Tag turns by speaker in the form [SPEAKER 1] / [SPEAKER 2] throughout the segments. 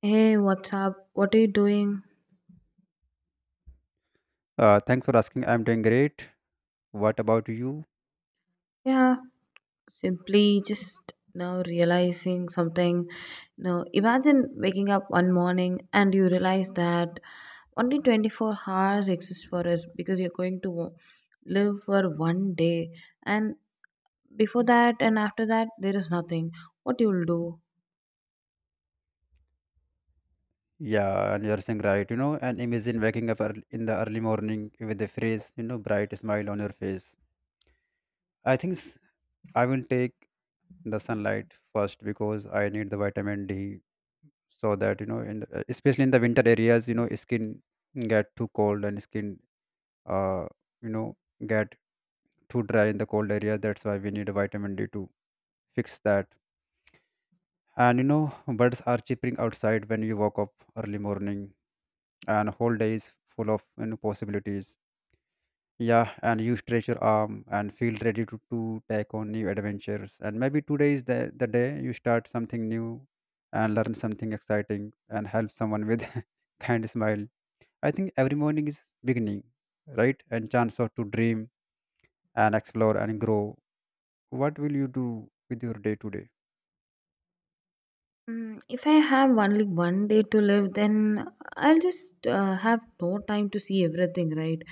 [SPEAKER 1] Hey, what's up? What are you doing?
[SPEAKER 2] Thanks for asking. I'm doing great. What about you?
[SPEAKER 1] Yeah, simply just now realizing something. Now, imagine waking up one morning and you realize that only 24 hours exist for us because you're going to live for 1 day, and before that and after that, there is nothing. What you'll do?
[SPEAKER 2] Yeah, and you're saying right, and imagine waking up early, in the early morning with a fresh, bright smile on your face. I think s- I will take the sunlight first because I need the vitamin D so that, in especially in the winter areas, skin get too cold and skin, uh, you know, get too dry in the cold areas. That's why we need vitamin D to fix that. And birds are chirping outside when you woke up early morning, and whole day is full of, possibilities. Yeah, and you stretch your arm and feel ready to take on new adventures. And maybe today is the day you start something new and learn something exciting and help someone with kind smile. I think every morning is beginning, right, and chance of to dream and explore and grow. What will you do with your day today?
[SPEAKER 1] Mm, if I have only 1 day to live, then I'll just have no time to see everything, right?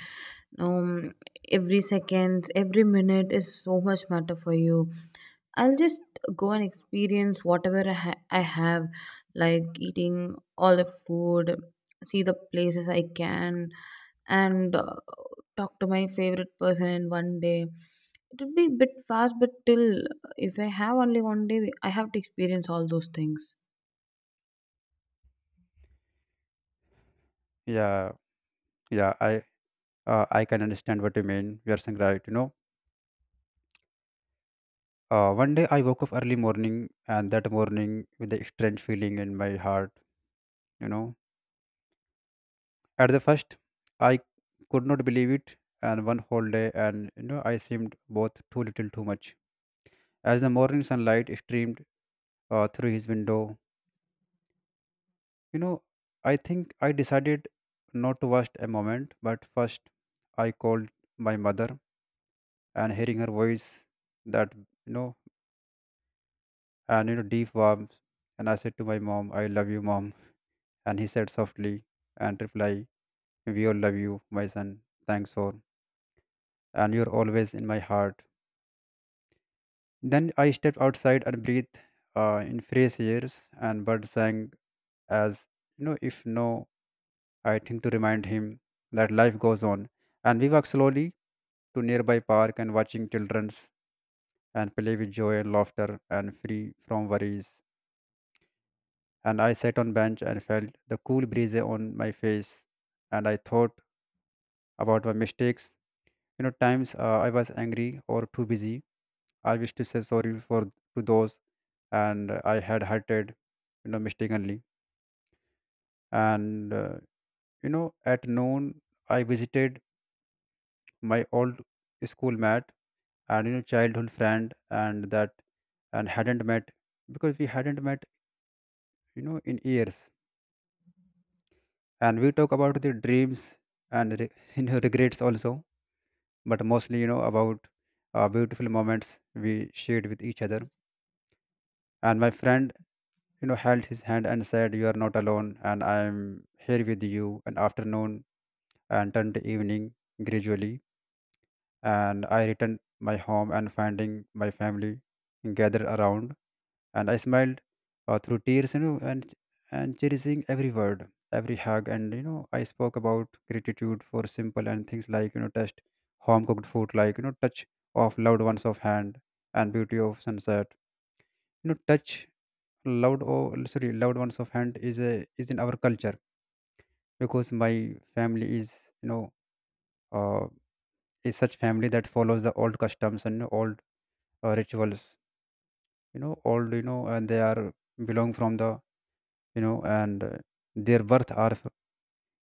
[SPEAKER 1] Um, every second, every minute is so much matter for you. I'll just go and experience whatever I have, like eating all the food, see the places I can, and talk to my favorite person in 1 day. It would be a bit fast, but till if I have only 1 day, I have to experience all those things.
[SPEAKER 2] Yeah, yeah, I can understand what you mean. You are saying right. One day I woke up early morning, and that morning with a strange feeling in my heart. You know, at the first, I could not believe it, and one whole day, and I seemed both too little, too much. As the morning sunlight streamed through his window, you know, I think I decided not to waste a moment. But first, I called my mother, and hearing her voice, that, you know, and, deep warmth, and I said to my mom, "I love you, mom." And he said softly and reply, "We all love you, my son. Thanks for. And you're always in my heart." Then I stepped outside and breathed in fresh airs, and birds sang as, if no, I think, to remind him that life goes on. And we walked slowly to nearby park and watching children's and play with joy and laughter and free from worries. And I sat on bench and felt the cool breeze on my face, and I thought about my mistakes, times I was angry or too busy. I wish to say sorry for, to those, and I had hurted, mistakenly. And at noon, I visited my old school mate, and childhood friend, and that, and hadn't met, because we hadn't met, in years. And we talk about the dreams and regrets also, but mostly, about beautiful moments we shared with each other. And my friend, held his hand and said, "You are not alone and I am here with you." And afternoon and turned to evening gradually, and I returned my home and finding my family gathered around. And I smiled through tears, and cherishing every word, every hug. And I spoke about gratitude for simple and things, like, taste home cooked food, like, touch of loved ones of hand, and beauty of sunset. Touch loud, or sorry, loud ones of hand is in our culture, because my family is, uh, is such family that follows the old customs and old rituals, old, and they are belong from the, and their birth are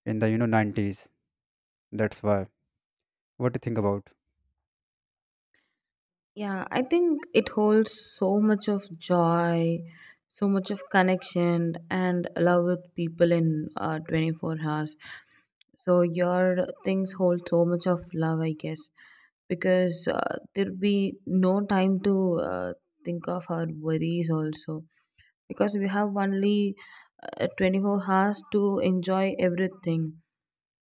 [SPEAKER 2] in the, 90s. That's why. What do you think about?
[SPEAKER 1] Yeah, I think it holds so much of joy, so much of connection and love with people in 24 hours. So your things hold so much of love, I guess, because there'll be no time to think of our worries also, because we have only 24 hours to enjoy everything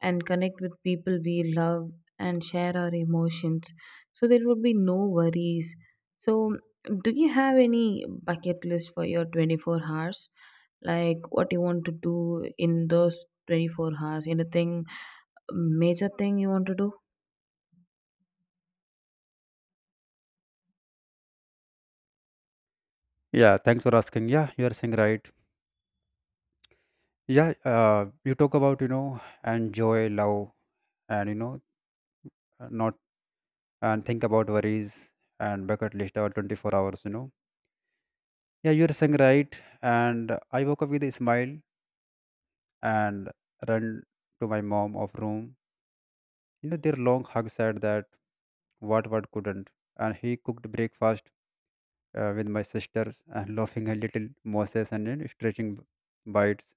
[SPEAKER 1] and connect with people we love and share our emotions. So there would be no worries. So, do you have any bucket list for your 24 hours? Like what you want to do in those 24 hours? Anything major thing you want to do?
[SPEAKER 2] Yeah, thanks for asking. Yeah, you are saying right. Yeah, you talk about, and joy love and, not, and think about worries and bucket list or 24 hours. Yeah, you're saying right. And I woke up with a smile and ran to my mom of room. Their long hug said that what couldn't. And he cooked breakfast with my sisters, and laughing a little Moses, and then stretching bites.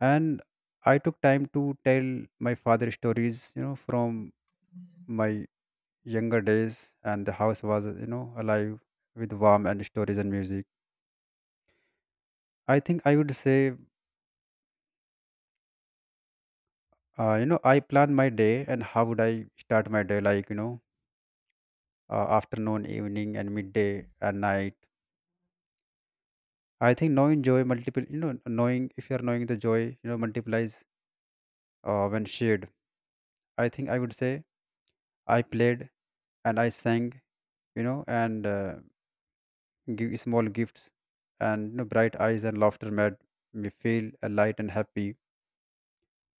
[SPEAKER 2] And I took time to tell my father stories, from my younger days, and the house was, alive with warmth and stories and music. I think I would say, I plan my day and how would I start my day, like, afternoon, evening, and midday and night. I think knowing joy multiple, knowing if you are knowing the joy, multiplies when shared. I think I would say, I played and I sang, and give small gifts. And bright eyes and laughter made me feel light and happy.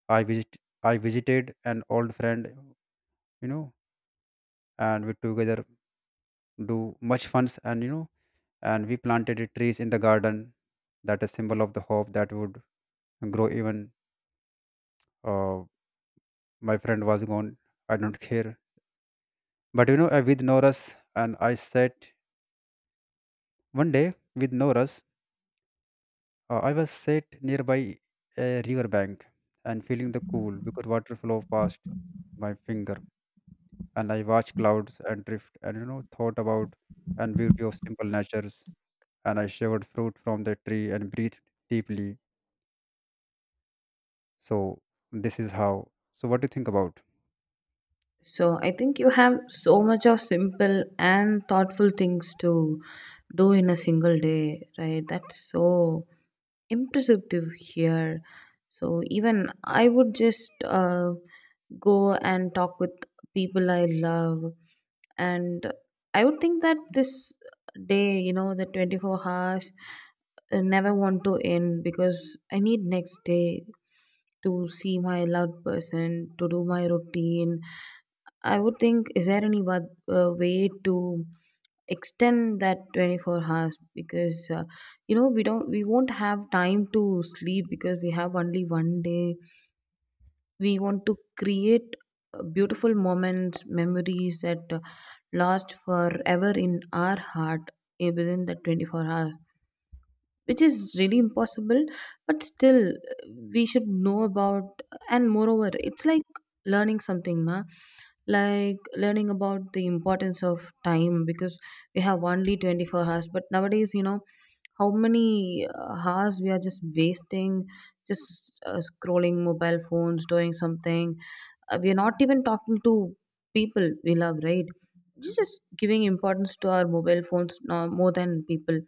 [SPEAKER 2] I visit, I visited an old friend, you know, and we together do much funs. And and we planted it trees in the garden that is symbol of the hope that would grow even, uh, my friend was gone. I don't care. But, with Norris, and I sat one day with Norris. I was sat nearby a river bank, and feeling the cool, because water flow past my finger. And I watched clouds and drift, and thought about and beauty of simple natures. And I shivered fruit from the tree and breathed deeply. So this is how. So what do you think about?
[SPEAKER 1] So, I think you have so much of simple and thoughtful things to do in a single day, right? That's so impressive here. So even I would just go and talk with people I love, and I would think that this day, you know, the 24 hours, never want to end because I need next day to see my loved person to do my routine. I would think, is there any way to extend that 24 hours, because you know, we won't have time to sleep because we have only 1 day. We want to create beautiful moments, memories that last forever in our heart, within the 24 hours, which is really impossible, but still, we should know about. And moreover, it's like learning something, na, like learning about the importance of time, because we have only 24 hours, but nowadays, you know, how many hours we are just wasting, just, scrolling mobile phones, doing something. We are not even talking to people we love, right? We just giving importance to our mobile phones now more than people,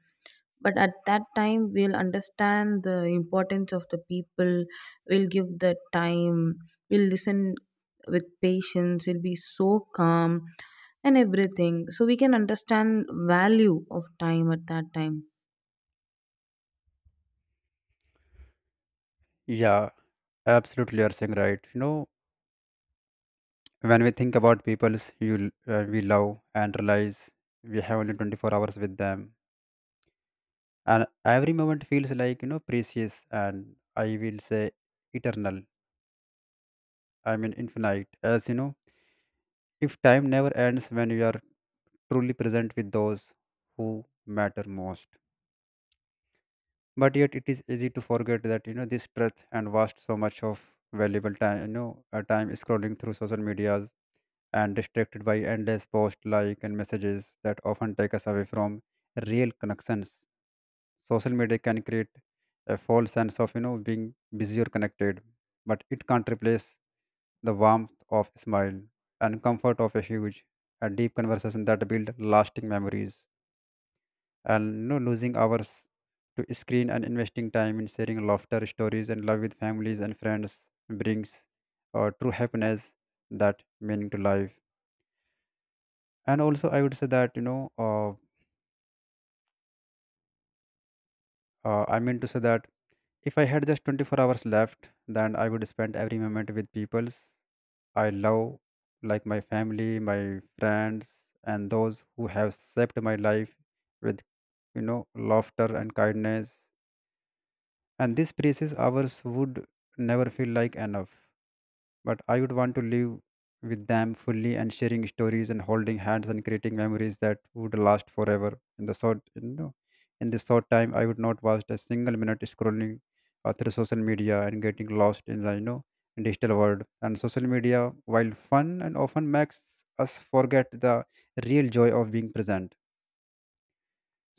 [SPEAKER 1] but at that time we'll understand the importance of the people. We'll give the time, we'll listen with patience, we'll be so calm and everything, so we can understand value of time at that time.
[SPEAKER 2] Yeah, absolutely, you are saying right. When we think about people you we love and realize we have only 24 hours with them, and every moment feels like, precious, and I will say eternal. I mean infinite, as you know, if time never ends when you are truly present with those who matter most. But yet it is easy to forget that, this breadth and vast so much of valuable time, time scrolling through social medias and distracted by endless post like and messages that often take us away from real connections. Social media can create a false sense of, being busy or connected, but it can't replace the warmth of a smile and comfort of a huge and deep conversation that build lasting memories. And no losing hours to screen and investing time in sharing laughter, stories, and love with families and friends brings true happiness that meaning to life. And also, I would say that, I mean to say that if I had just 24 hours left, then I would spend every moment with peoples I love, like my family, my friends, and those who have shaped my life with, laughter and kindness. And these precious hours would never feel like enough, but I would want to live with them fully and sharing stories and holding hands and creating memories that would last forever. In the short you know in this short time, I would not waste a single minute scrolling through social media and getting lost in the, digital world. And social media, while fun and often makes us forget the real joy of being present,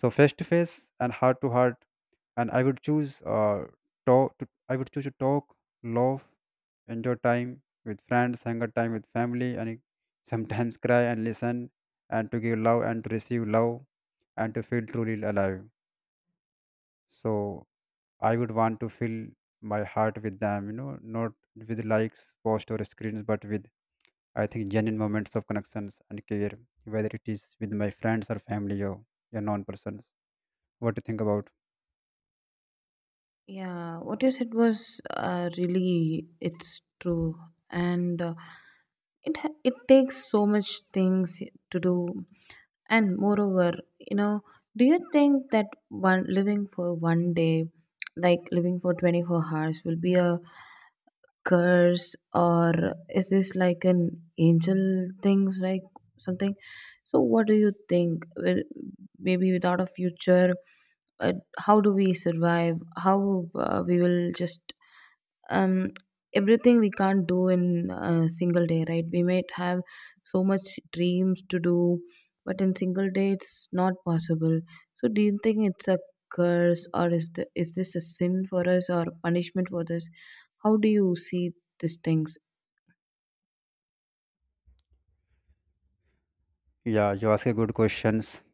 [SPEAKER 2] so face to face and heart to heart. And I would choose to talk, love, enjoy time with friends, hang out time with family, and sometimes cry and listen, and to give love and to receive love and to feel truly alive. So I would want to fill my heart with them, not with likes, posts, or screens, but with, I think, genuine moments of connections and care, whether it is with my friends or family or your non-persons. What do you think about?
[SPEAKER 1] Yeah, what you said was really it's true, and it takes so much things to do. And moreover, you know, do you think that one living for 1 day, like living for 24 hours, will be a curse, or is this like an angel things, like something? So what do you think? Maybe without a future, uh, how do we survive? How we will just, um, everything we can't do in a single day, right? We might have so much dreams to do, but in single day it's not possible. So do you think it's a curse, or is this a sin for us, or punishment for this? How do you see these things?
[SPEAKER 2] Yeah, you ask a good questions.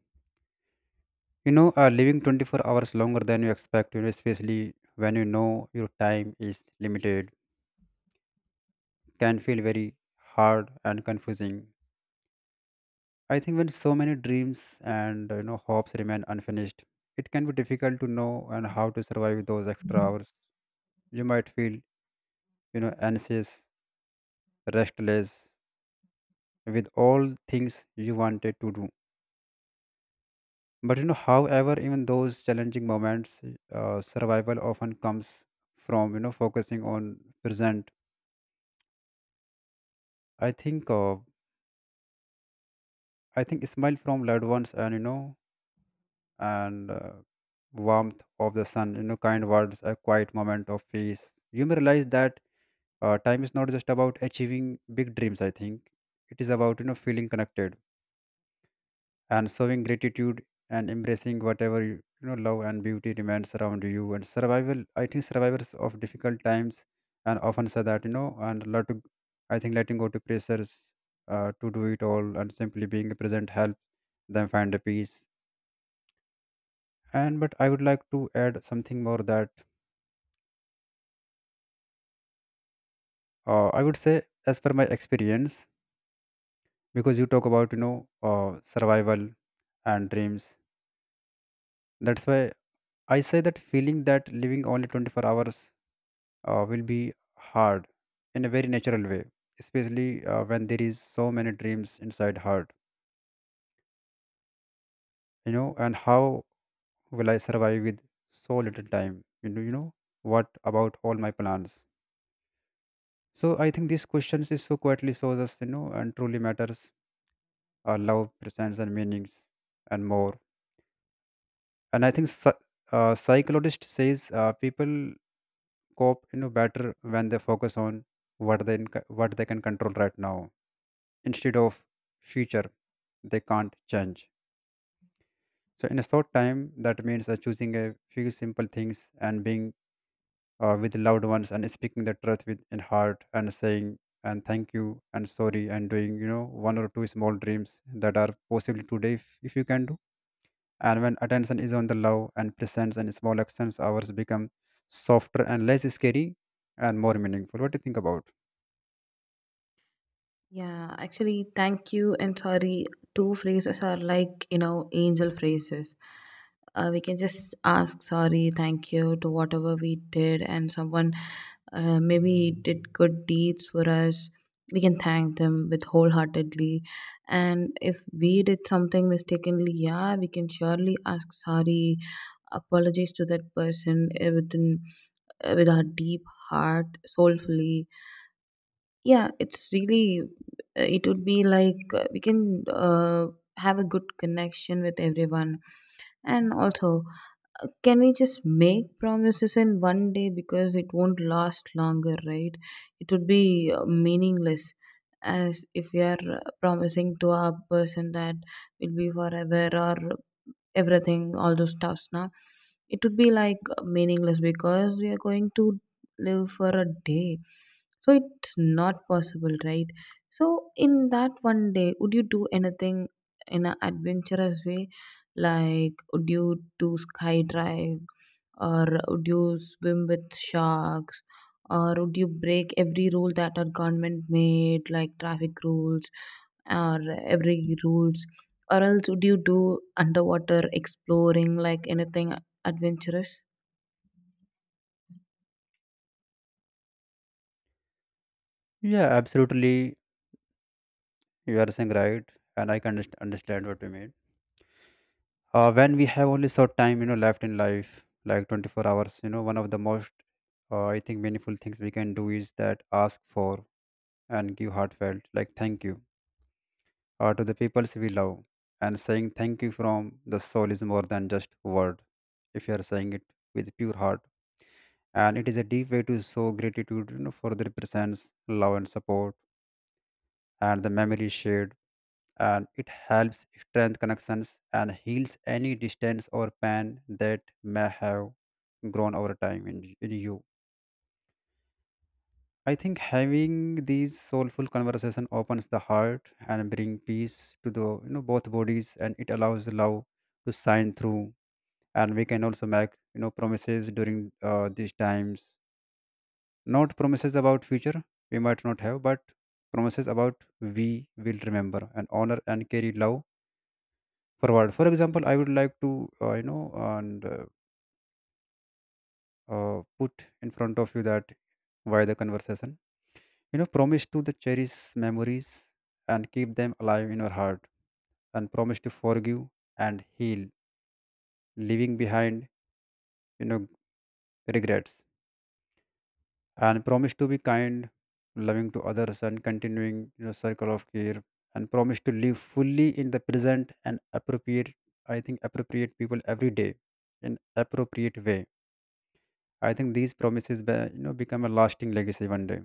[SPEAKER 2] Living 24 hours longer than you expect, especially when you know your time is limited, can feel very hard and confusing. I think when so many dreams and hopes remain unfinished, it can be difficult to know and how to survive those extra hours. You might feel, anxious, restless, with all things you wanted to do. But, however, even those challenging moments, survival often comes from focusing on present. I think uh, I think smile from loved ones, and and warmth of the sun, kind words, a quiet moment of peace. You may realize that, time is not just about achieving big dreams. I think it is about, feeling connected. And showing gratitude and embracing whatever you, you know love and beauty remains around you. And survival, I think survivors of difficult times and often say that and lot to, I think letting go to pressures to do it all and simply being present help them find a peace. And But I would like to add something more, that I would say as per my experience, because you talk about survival and dreams. That's why I say that feeling that living only 24 hours will be hard, in a very natural way, especially when there is so many dreams inside heart. You know, and how will I survive with so little time? You know, what about all my plans? So I think these questions is so quietly shows us, and truly matters our love, presence and meanings, and more. And I think psychologist says people cope, you know, better when they focus on what what they can control right now, instead of future they can't change. So in a short time, that means choosing a few simple things and being with loved ones and speaking the truth with in heart, and saying and thank you and sorry, and doing, you know, one or two small dreams that are possibly today, if you can do. And when attention is on the love and presence and small actions, ours become softer and less scary and more meaningful. What do you think about?
[SPEAKER 1] Yeah, actually thank you and sorry, two phrases are like, you know, angel phrases. We can just ask sorry, thank you to whatever we did and someone maybe did good deeds for us. We can thank them with wholeheartedly, and if we did something mistakenly, yeah, we can surely ask sorry, apologies to that person, with our deep heart, soulfully. Yeah, it's really, it would be like, we can have a good connection with everyone. And also, can we just make promises in 1 day, because it won't last longer, right? It would be meaningless, as if we are promising to our person that will be forever or everything, all those stuffs. Now it would be like meaningless, because we are going to live for a day. So it's not possible, right? So in that 1 day, would you do anything in an adventurous way? Like, would you do sky drive, or would you swim with sharks, or would you break every rule that our government made, like traffic rules, or every rules, or else would you do underwater exploring, like anything adventurous?
[SPEAKER 2] Yeah, absolutely. You are saying right, and I can understand what you mean. When we have only short time, you know, left in life, like 24 hours, you know, one of the most I think meaningful things we can do is that ask for and give heartfelt like thank you to the peoples we love. And saying thank you from the soul is more than just word, if you are saying it with pure heart. And it is a deep way to show gratitude, you know, for the represents love and support and the memory shared. And it helps strengthen connections and heals any distance or pain that may have grown over time in you. I think having these soulful conversation opens the heart and bring peace to the, you know, both bodies, and it allows love to shine through. And we can also make, you know, promises during these times. Not promises about future we might not have, but promises about we will remember and honor and carry love forward. For example, I would like to, you know, and put in front of you that why the conversation, you know, promise to the cherish memories and keep them alive in your heart, and promise to forgive and heal, leaving behind, you know, regrets, and promise to be kind, loving to others, and continuing, you know, circle of care, and promise to live fully in the present and appropriate, I think, appropriate people every day in appropriate way. I think these promises, you know, become a lasting legacy one day,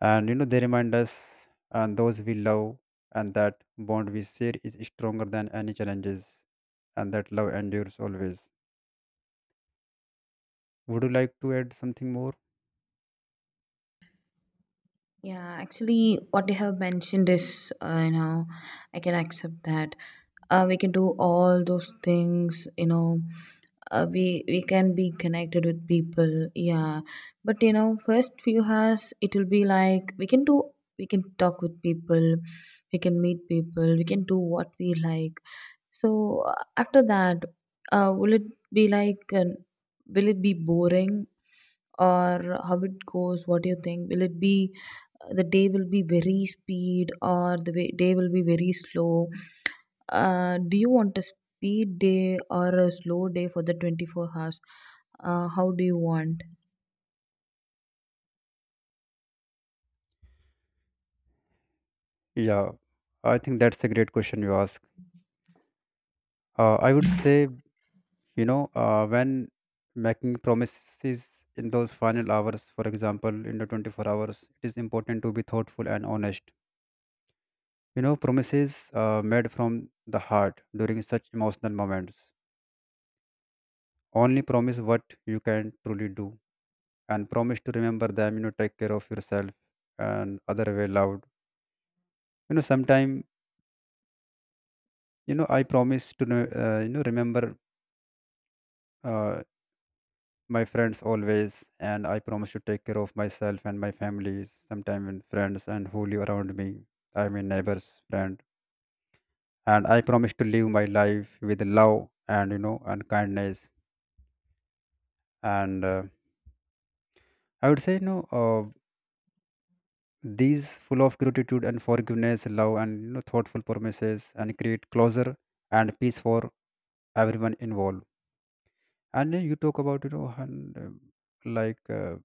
[SPEAKER 2] and you know they remind us and those we love, and that bond we share is stronger than any challenges, and that love endures always. Would you like to add something more?
[SPEAKER 1] Yeah, actually what you have mentioned is, you know, I can accept that, we can do all those things, you know. We can be connected with people, yeah, but you know, first few hours it will be like, we can do, we can talk with people, we can meet people, we can do what we like. So after that, uh, will it be like an, will it be boring, or how it goes? What do you think? Will it be, the day will be very speed, or day will be very slow? Do you want a speed day or a slow day for the 24 hours? How do you want?
[SPEAKER 2] Yeah, I think that's a great question you ask. I would say, when making promises in those final hours, for example, in the 24 hours, it is important to be thoughtful and honest. You know, promises made from the heart during such emotional moments. Only promise what you can truly do, and promise to remember them, you know, take care of yourself and other way loud. You know, sometime, I promise to, know, remember uh, my friends always, and I promise to take care of myself and my family, sometime and friends and who live around me. I mean, neighbors, friend. And I promise to live my life with love and, you know, and kindness, and I would say, these full of gratitude and forgiveness, love, and, you know, thoughtful promises, and create closure and peace for everyone involved. And you talk about, you know, and, like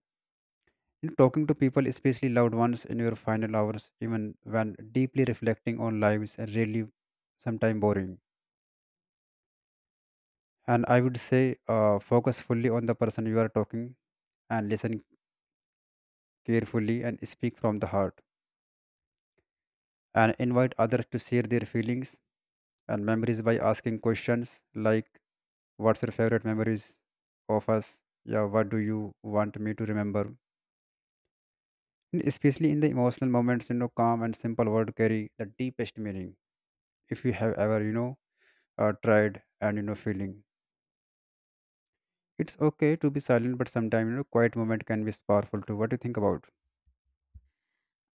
[SPEAKER 2] you know, talking to people, especially loved ones, in your final hours, even when deeply reflecting on lives, and really sometimes boring. And I would say, focus fully on the person you are talking, and listen carefully, and speak from the heart, and invite others to share their feelings and memories by asking questions like, what's your favorite memories of us? Yeah, what do you want me to remember? And especially in the emotional moments, you know, calm and simple word carry the deepest meaning. If you have ever, tried, and you know feeling, it's okay to be silent. But sometimes, you know, quiet moment can be powerful too. What do you think about?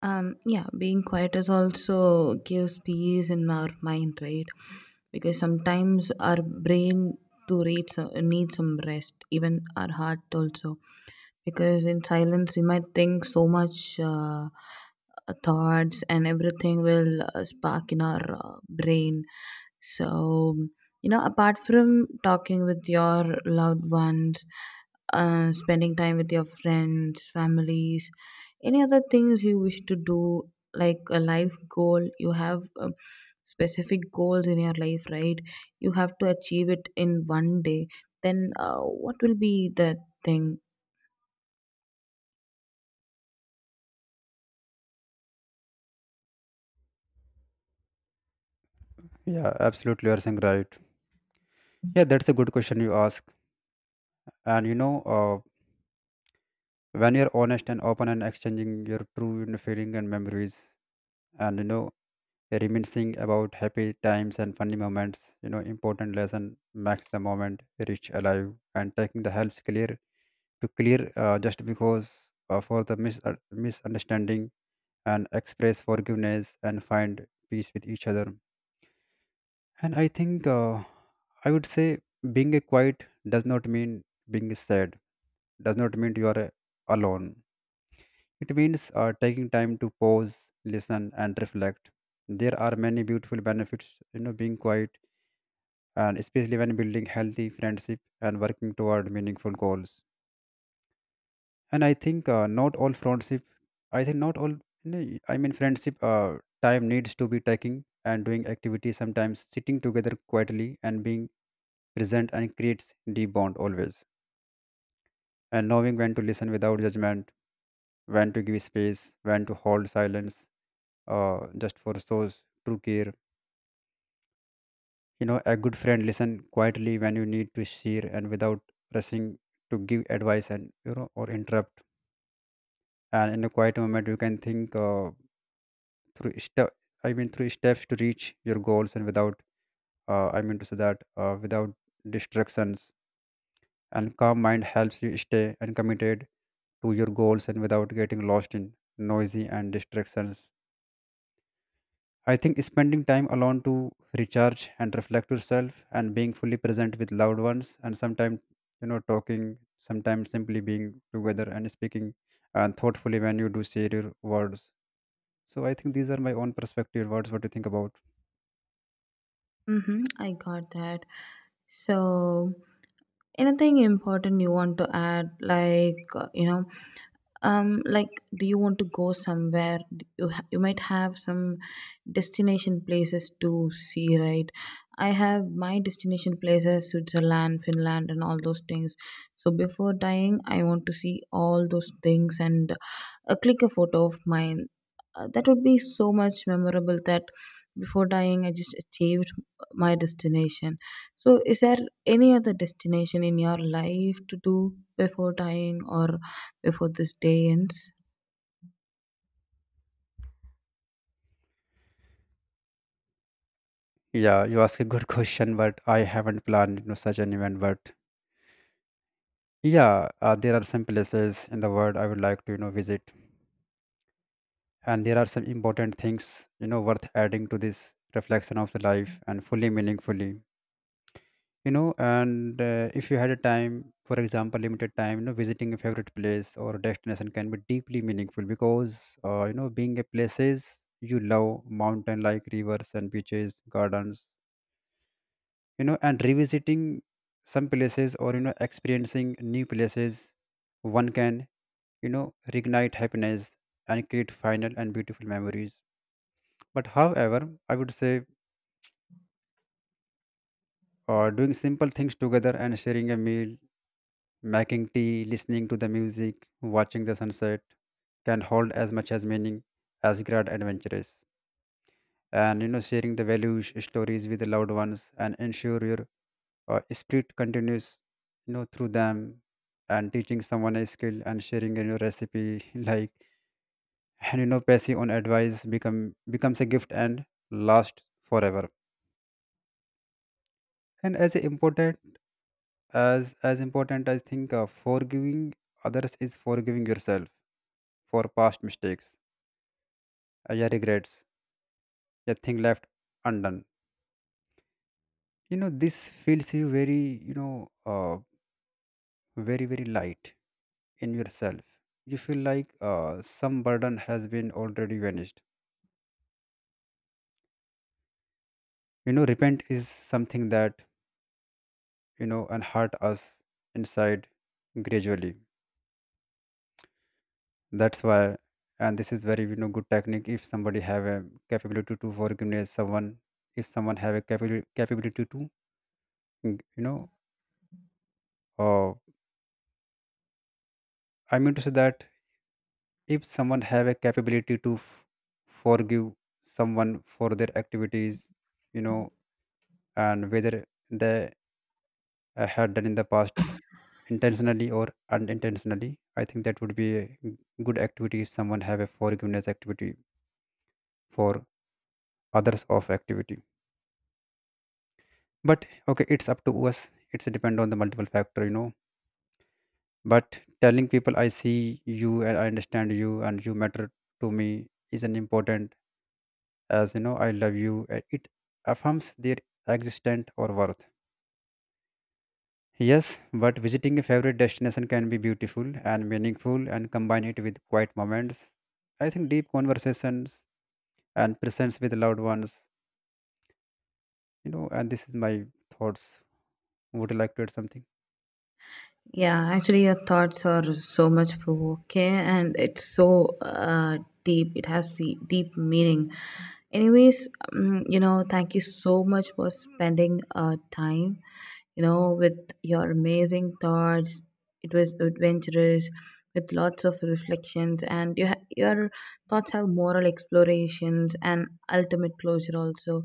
[SPEAKER 1] Um, yeah, being quiet is also gives peace in our mind, right? Because sometimes our brain needs some rest, even our heart also, because in silence we might think so much thoughts, and everything will spark in our brain. So, you know, apart from talking with your loved ones, spending time with your friends, families, any other things you wish to do? Like a life goal you have, specific goals in your life, right? You have to achieve it in 1 day, then what will be the thing?
[SPEAKER 2] Yeah, absolutely. You're saying right. Yeah, that's a good question you ask. And you know, uh, when you're honest and open and exchanging your true, you know, feeling and memories, and, you know, reminiscing about happy times and funny moments, you know, important lesson makes the moment rich alive. And taking the helps clear to clear, just because for the mis- misunderstanding, and express forgiveness and find peace with each other. And I think, I would say being a quiet does not mean being sad, does not mean you are, alone. It means taking time to pause, listen and reflect. There are many beautiful benefits, you know, being quiet, and especially when building healthy friendship and working toward meaningful goals. And I think not all friendship, I think not all, no, I mean friendship time needs to be taking and doing activities. Sometimes sitting together quietly and being present and creates deep bond always. And knowing when to listen without judgment, when to give space, when to hold silence, just for shows true care. You know, a good friend listen quietly when you need to share, and without rushing to give advice, and, you know, or interrupt. And in a quiet moment, you can think through step. Through steps to reach your goals, and without. I mean to say that without distractions and calm mind helps you stay and committed to your goals, and without getting lost in noisy and distractions. I think spending time alone to recharge and reflect yourself, and being fully present with loved ones, and sometimes, you know, talking, sometimes simply being together and speaking and thoughtfully when you do share your words. So I think these are my own perspective words. What do you think about?
[SPEAKER 1] Mm-hmm, I got that. So, anything important you want to add? Like, you know, like, do you want to go somewhere? You you might have some destination places to see, right? I have my destination places, Switzerland, Finland, and all those things. So before dying I want to see all those things, and click a photo of mine. That would be so much memorable that before dying I just achieved my destination. So is there any other destination in your life to do before dying, or before this day ends?
[SPEAKER 2] Yeah, you ask a good question, but I haven't planned, you know, such an event. But yeah, there are some places in the world I would like to, you know, visit, and there are some important things, you know, worth adding to this reflection of the life and fully meaningfully. You know, and if you had a time, for example, limited time, you know, visiting a favorite place or destination can be deeply meaningful, because you know, being a places you love, mountain like rivers and beaches, gardens, you know, and revisiting some places, or, you know, experiencing new places, one can, you know, reignite happiness and create final and beautiful memories. But however, I would say, doing simple things together and sharing a meal, making tea, listening to the music, watching the sunset can hold as much as meaning as grand adventures. And, you know, sharing the values, stories with the loved ones, and ensure your spirit continues, you know, through them. And teaching someone a skill and sharing a new recipe, like, and, you know, passing on advice becomes a gift and lasts forever. And as important as important, I think forgiving others is forgiving yourself for past mistakes, yeah, regrets, your thing left undone. You know, this feels you very, you know uh, very, very light in yourself. You feel like, some burden has been already vanished. You know, repent is something that, you know, and us inside gradually. That's why. And this is very, you know, good technique. If somebody have a capability to forgiveness someone, if someone have a capability to, you know uh, I mean to say that, if someone have a capability to forgive someone for their activities, you know, and whether they had done in the past intentionally or unintentionally, I think that would be a good activity if someone have a forgiveness activity for others of activity. But okay, it's up to us, it's depend on the multiple factor, you know. But telling people, I see you and I understand you and you matter to me, is an important as, you know, I love you. It affirms their existence or worth. Yes, but visiting a favorite destination can be beautiful and meaningful, and combine it with quiet moments, I think, deep conversations and presence with loved ones. You know, and this is my thoughts. Would you like to add something?
[SPEAKER 1] Yeah, actually, your thoughts are so much provoking, and it's so deep. It has the deep meaning. Anyways, you know, thank you so much for spending time, you know, with your amazing thoughts. It was adventurous, with lots of reflections, and your thoughts have moral explorations and ultimate closure also.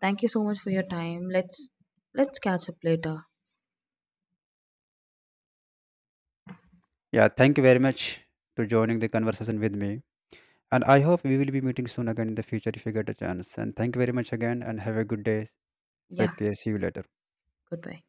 [SPEAKER 1] Thank you so much for your time. Let's catch up later.
[SPEAKER 2] Yeah, thank you very much to joining the conversation with me, and I hope we will be meeting soon again in the future if you get a chance. And thank you very much again and have a good day.
[SPEAKER 1] Yeah.
[SPEAKER 2] Take care, see you later.
[SPEAKER 1] Goodbye.